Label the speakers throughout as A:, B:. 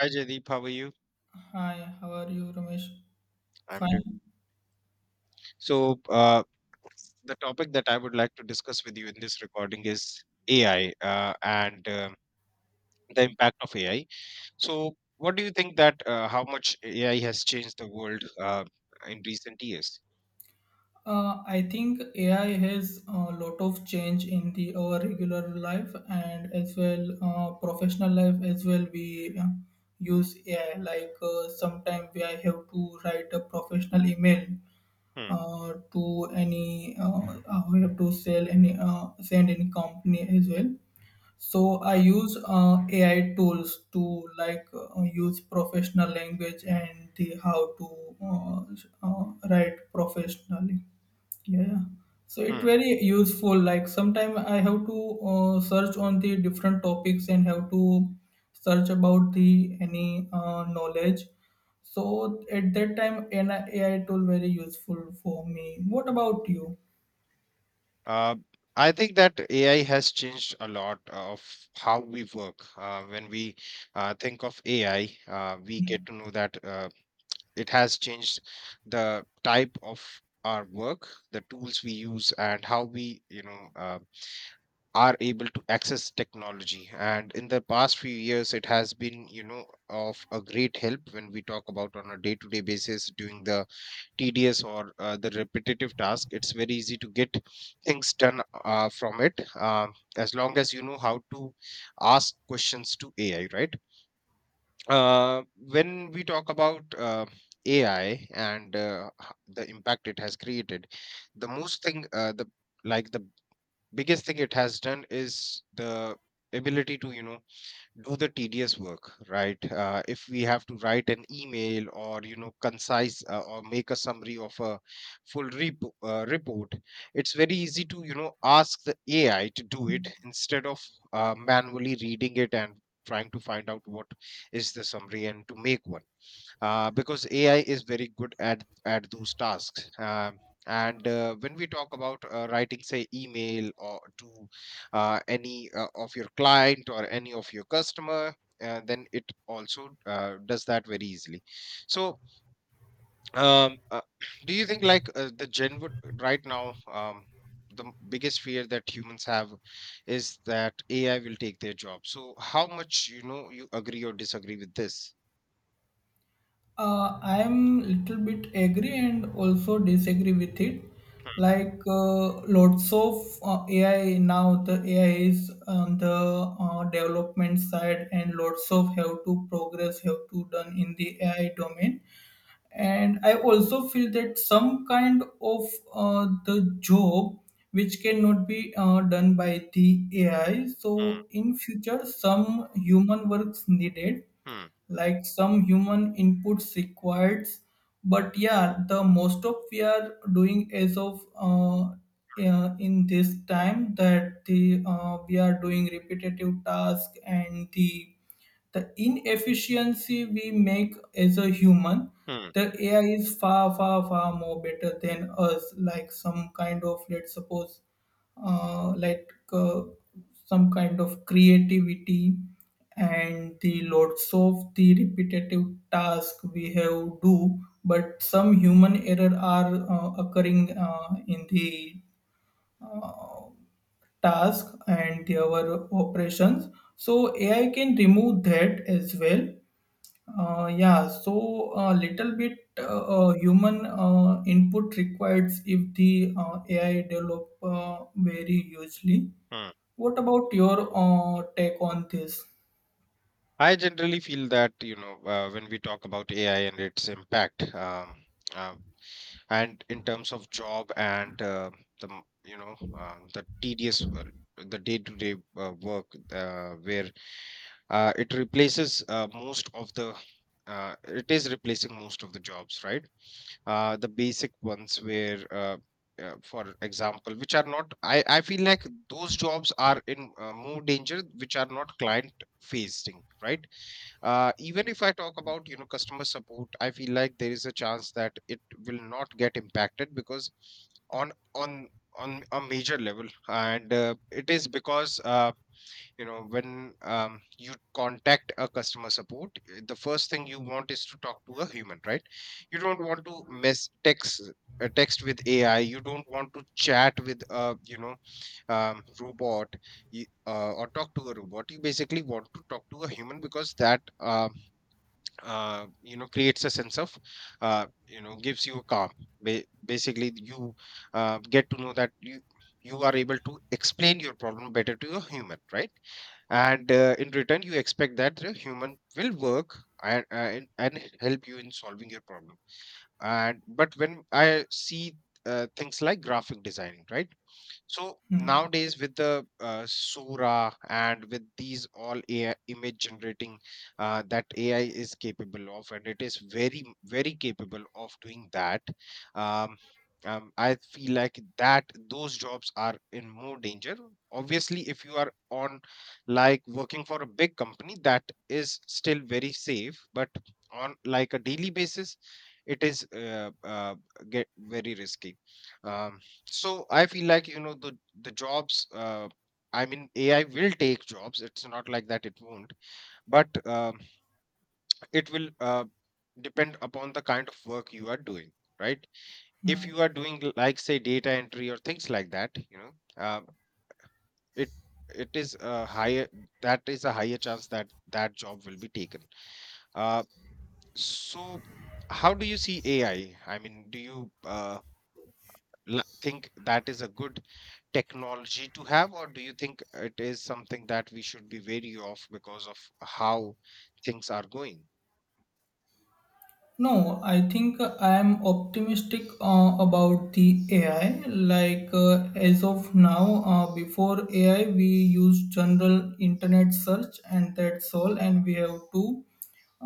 A: Hi Jaideep, how are you?
B: Hi, how are you, Ramesh?
A: I'm doing.
B: Fine.
A: So, the topic that I would like to discuss with you in this recording is AI and the impact of AI. So, what do you think that how much AI has changed the world in recent years?
B: I think AI has a lot of change in the our regular life and as well professional life as well. We use AI like sometimes we I have to write a professional email
A: Hmm,
B: to any we have to sell any send any company as well. So I
A: hmm,
B: use AI tools to like use professional language and the how to uh, write professionally. Yeah. So it
A: hmm.
B: very useful. Like sometimes I have to search on the different topics and have to search about the any knowledge. So at that time, an AI tool very useful for me. What about you?
A: Uh, I think that AI has changed a lot of how we work. When we think of AI, we get to know that. It has changed the type of our work, the tools we use, and how we, you know, are able to access technology. And in the past few years, it has been, you know, of a great help. When we talk about, on a day to day basis, doing the tedious or the repetitive task, it's very easy to get things done from it, as long as you know how to ask questions to AI, right? When we talk about AI and the impact it has created, the most thing, the like the biggest thing it has done is the ability to, you know, do the tedious work, right? If we have to write an email or, you know, concise, or make a summary of a full report, it's very easy to, you know, ask the AI to do it instead of manually reading it and trying to find out what is the summary and to make one, because AI is very good at those tasks. And when we talk about writing, say, email or to any of your client or any of your customer, then it also does that very easily. So, um, uh, do you think like the gen would right now? The biggest fear that humans have is that AI will take their job. So, how much, you know, you agree or disagree with this?
B: I'm little bit agree and also disagree with it. Like lots of AI now, the AI is on the development side, and lots of have to progress have to done in the AI domain. And I also feel that some kind of the job which cannot be done by the AI.
A: Hmm,
B: So in future, some human works needed,
A: hmm,
B: like some human inputs required. But yeah, the most of we are doing as of in this time that the we are doing repetitive task, and the inefficiency we make as a human,
A: hmm,
B: the AI is far more better than us. Like some kind of, let's suppose, like, some kind of creativity, and the lots of the repetitive task we have do. But some human error are occurring in the task and the our operations, so AI can remove that as well. Yeah, so a little bit human input required if the AI develop very hugely.
A: hmm.
B: What about your take on this?
A: I generally feel that, you know, when we talk about AI and its impact, uh, and in terms of job and the m- you know the tedious, the day-to-day work, where it replaces most of the it is replacing most of the jobs, right? The basic ones where, for example, which are not, I feel like those jobs are in more danger, which are not client facing, right? Even if I talk about, you know, customer support, I feel like there is a chance that it will not get impacted because on on on a major level. And it is because, you know, when, you contact a customer support, the first thing you want is to talk to a human, right? You don't want to mess text, text with AI. You don't want to chat with a, you know, robot, or talk to a robot. You basically want to talk to a human, because that you know, creates a sense of, you know, gives you a calm. Basically, you get to know that you are able to explain your problem better to a human, right? And in return, you expect that the human will work and help you in solving your problem. And but when I see things like graphic designing, right? So,
B: Hmm.
A: nowadays, with the Sora and with these all AI image generating that AI is capable of, and it is very, very capable of doing that. Um, I feel like that those jobs are in more danger. Obviously, if you are on, like, working for a big company, that is still very safe. But on, like, a daily basis, it is, get very risky. Um, so, I feel like, you know, the jobs, I mean, AI will take jobs. It's not like that it won't, but it will depend upon the kind of work you are doing, right? If
B: Hmm.
A: you are doing, like, say, data entry or things like that, you know, uh, it it is a higher that is a higher chance that job will be taken. Uh, so, how do you see AI? I mean, do you think that is a good technology to have, or do you think it is something that we should be wary of because of how things are going?
B: No, I think I am optimistic about the AI. Like as of now, before AI, we use general internet search, and that's all. And we have to,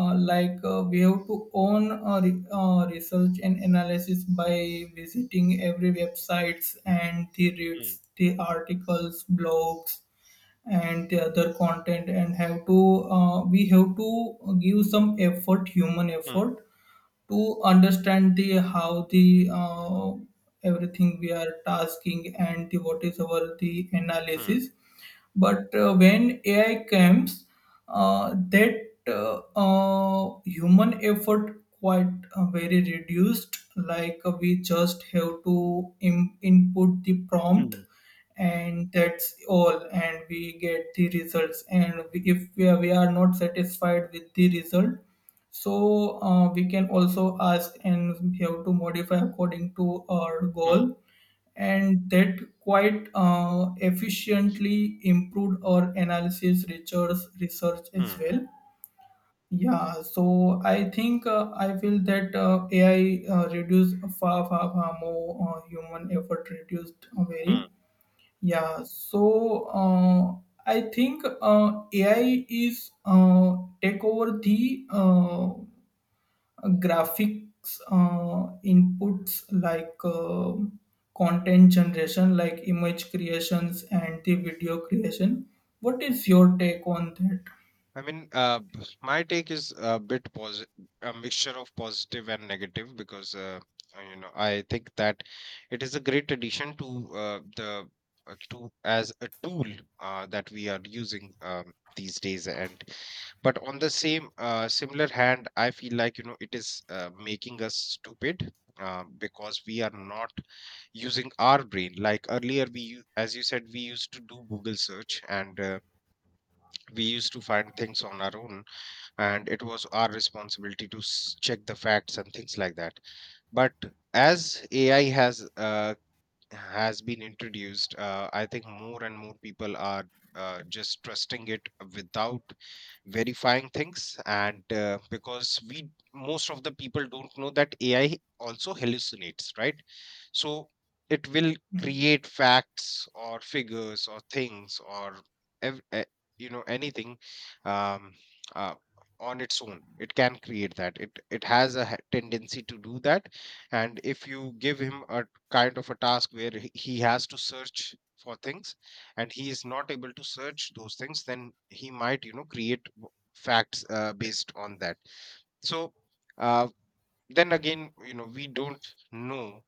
B: like, we have to own research and analysis by visiting every websites and the
A: Hmm,
B: reads, the articles, blogs, and the other content, and have to, we have to give some effort, human
A: hmm,
B: effort to understand the how the everything we are tasking, and the, what is our the
A: hmm,
B: analysis. But when AI comes, that human effort quite very reduced. Like we just have to input the prompt,
A: hmm,
B: and that's all. And we get the results, and we are not satisfied with the result, so we can also ask, and we have to modify according to our
A: hmm,
B: goal. And that quite efficiently improved our analysis, research as
A: hmm,
B: well. Yeah, so I think I feel that AI reduce far more human effort reduced very.
A: hmm.
B: Yeah, so I think AI is take over the graphics inputs like content generation like image creations and the video creation. What is your take on that?
A: I mean, my take is a bit, a mixture of positive and negative, because, you know, I think that it is a great addition to, the, to, as a tool, that we are using, these days. And but on the same, similar hand, I feel like, you know, it is making us stupid, because we are not using our brain. Like, earlier, as you said, we used to do google search, and we used to find things on our own, and it was our responsibility to check the facts and things like that. But as AI has been introduced, I think more and more people are just trusting it without verifying things. And because most of the people don't know that AI also hallucinates, right? So, it will
B: Hmm.
A: create facts or figures or things, or ev- eh, you know, anything, um, uh, on its own. It can create that. It has a tendency to do that, and if you give him a kind of a task where he has to search for things, and he is not able to search those things, then he might, you know, create facts, based on that. So, uh, then again, you know, we don't know,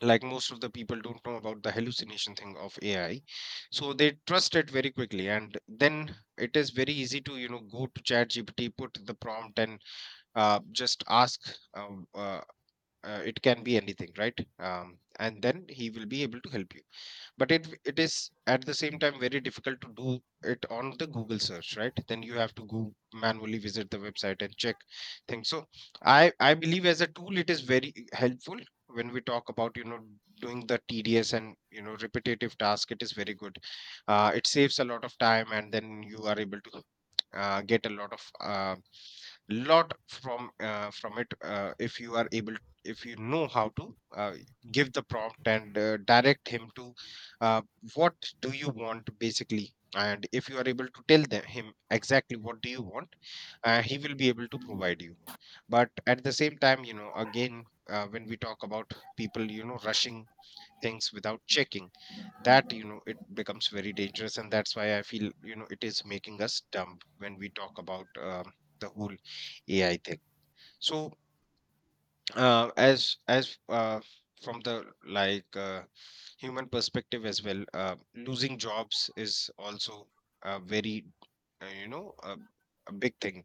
A: like, most of the people don't know about the hallucination thing of AI. So, they trust it very quickly, and then it is very easy to, you know, go to ChatGPT, put the prompt, and just ask, uh, uh, it can be anything, right? And then he will be able to help you. But it is, at the same time, very difficult to do it on the google search, right? Then you have to go manually, visit the website, and check things. So, I believe, as a tool, it is very helpful when we talk about, you know, doing the tedious and, you know, repetitive task. It is very good. It saves a lot of time, and then you are able to get a lot of, lot from it. If you know how to uh, give the prompt, and direct him to, uh, what do you want, basically. And if you are able to tell him exactly what do you want, he will be able to provide you. But at the same time, you know, again, when we talk about people, you know, rushing things without checking, that, you know, it becomes very dangerous. And that's why I feel, you know, it is making us dumb. When we talk about, the whole AI thing, so, as from the, like, human perspective as well, losing jobs is also a very, you know, a big thing.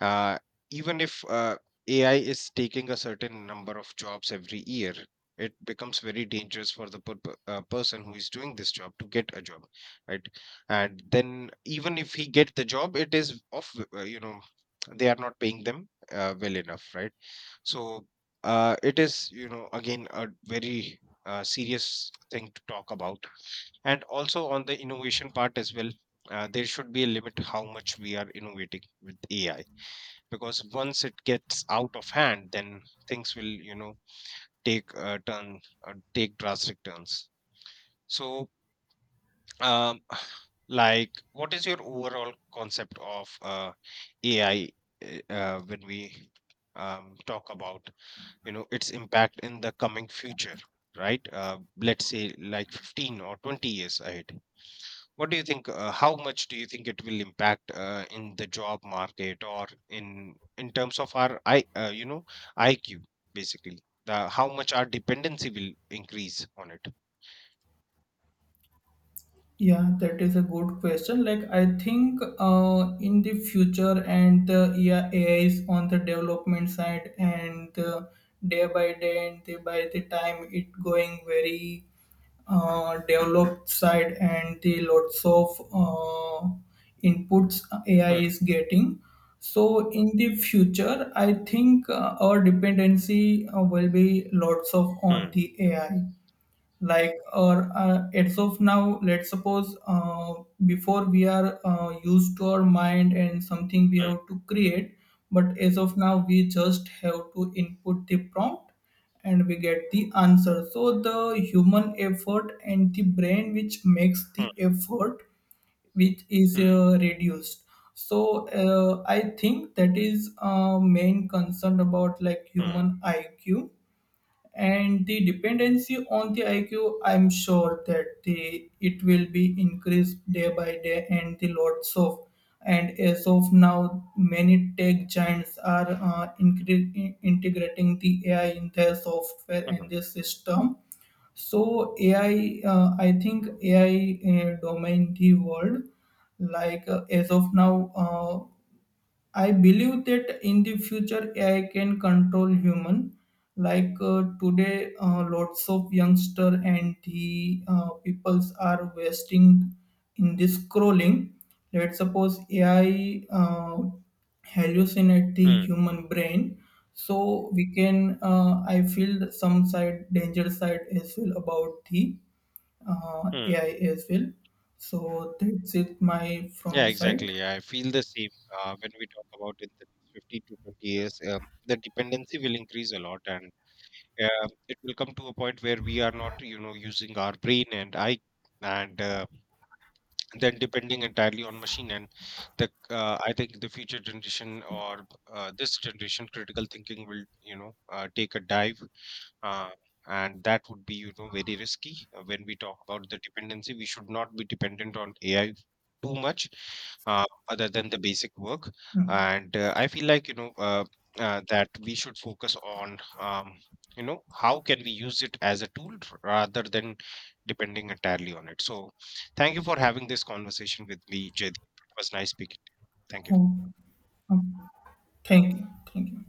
A: Uh, even if ai is taking a certain number of jobs every year, it becomes very dangerous for the, person who is doing this job to get a job, right? And then, even if he get the job, it is of, you know, they are not paying them, well enough, right? So, it is, you know, again, a very, serious thing to talk about. And also, on the innovation part as well, there should be a limit how much we are innovating with AI, because once it gets out of hand, then things will, you know, take a turn, take drastic turns. So, um, like, what is your overall concept of AI, when we, talk about, you know, its impact in the coming future, right? Let's say, like, 15 or 20 years ahead, what do you think, how much do you think it will impact, in the job market, or in terms of our, I you know IQ, basically, how much our dependency will increase on it?
B: Yeah, that is a good question. Like, I think in the future, and the, yeah, AI is on the development side, and day by day, and the, by the time it going very developed side, and the lots of inputs AI
A: Hmm,
B: is getting. So, in the future, I think our dependency will be lots of on
A: hmm,
B: the AI, like or as of now, let's suppose, before we are used to our mind and something we
A: hmm,
B: have to create. But as of now, we just have to input the prompt and we get the answer. So the human effort and the brain which makes the effort, which is
A: hmm,
B: reduced. So I think that is main concern about like
A: hmm,
B: human IQ, and the dependency on the IQ. I'm sure that the it will be increased day by day, and the lots of. And as of now, many tech giants are integrating the AI in their software
A: hmm, hmm,
B: and their system. So AI, I think AI domain the world, like as of now. I believe that in the future AI can control human. Like today, lots of youngster and the peoples are wasting in this scrolling. Let's suppose AI hallucinate the
A: hmm,
B: human brain, so we can. I feel some side danger side as well about the
A: hmm.
B: AI as well. So that's it, my
A: Yeah,
B: from side.
A: exactly. I feel the same, when we talk about, in the next 15 to 20 years. The dependency will increase a lot, and it will come to a point where we are not, you know, using our brain and eye, and then depending entirely on machine. And the I think the future generation or this generation, critical thinking will, you know, take a dive, uh, and that would be, you know, very risky. When we talk about the dependency, we should not be dependent on AI too much, other than the basic work.
B: Hmm.
A: And I feel like, you know, that we should focus on, you know, how can we use it as a tool rather than depending entirely on it. So, thank you for having this conversation with me, Jaydeep. It was nice speaking. Thank you.
B: Oh, oh. Thank you. Thank you.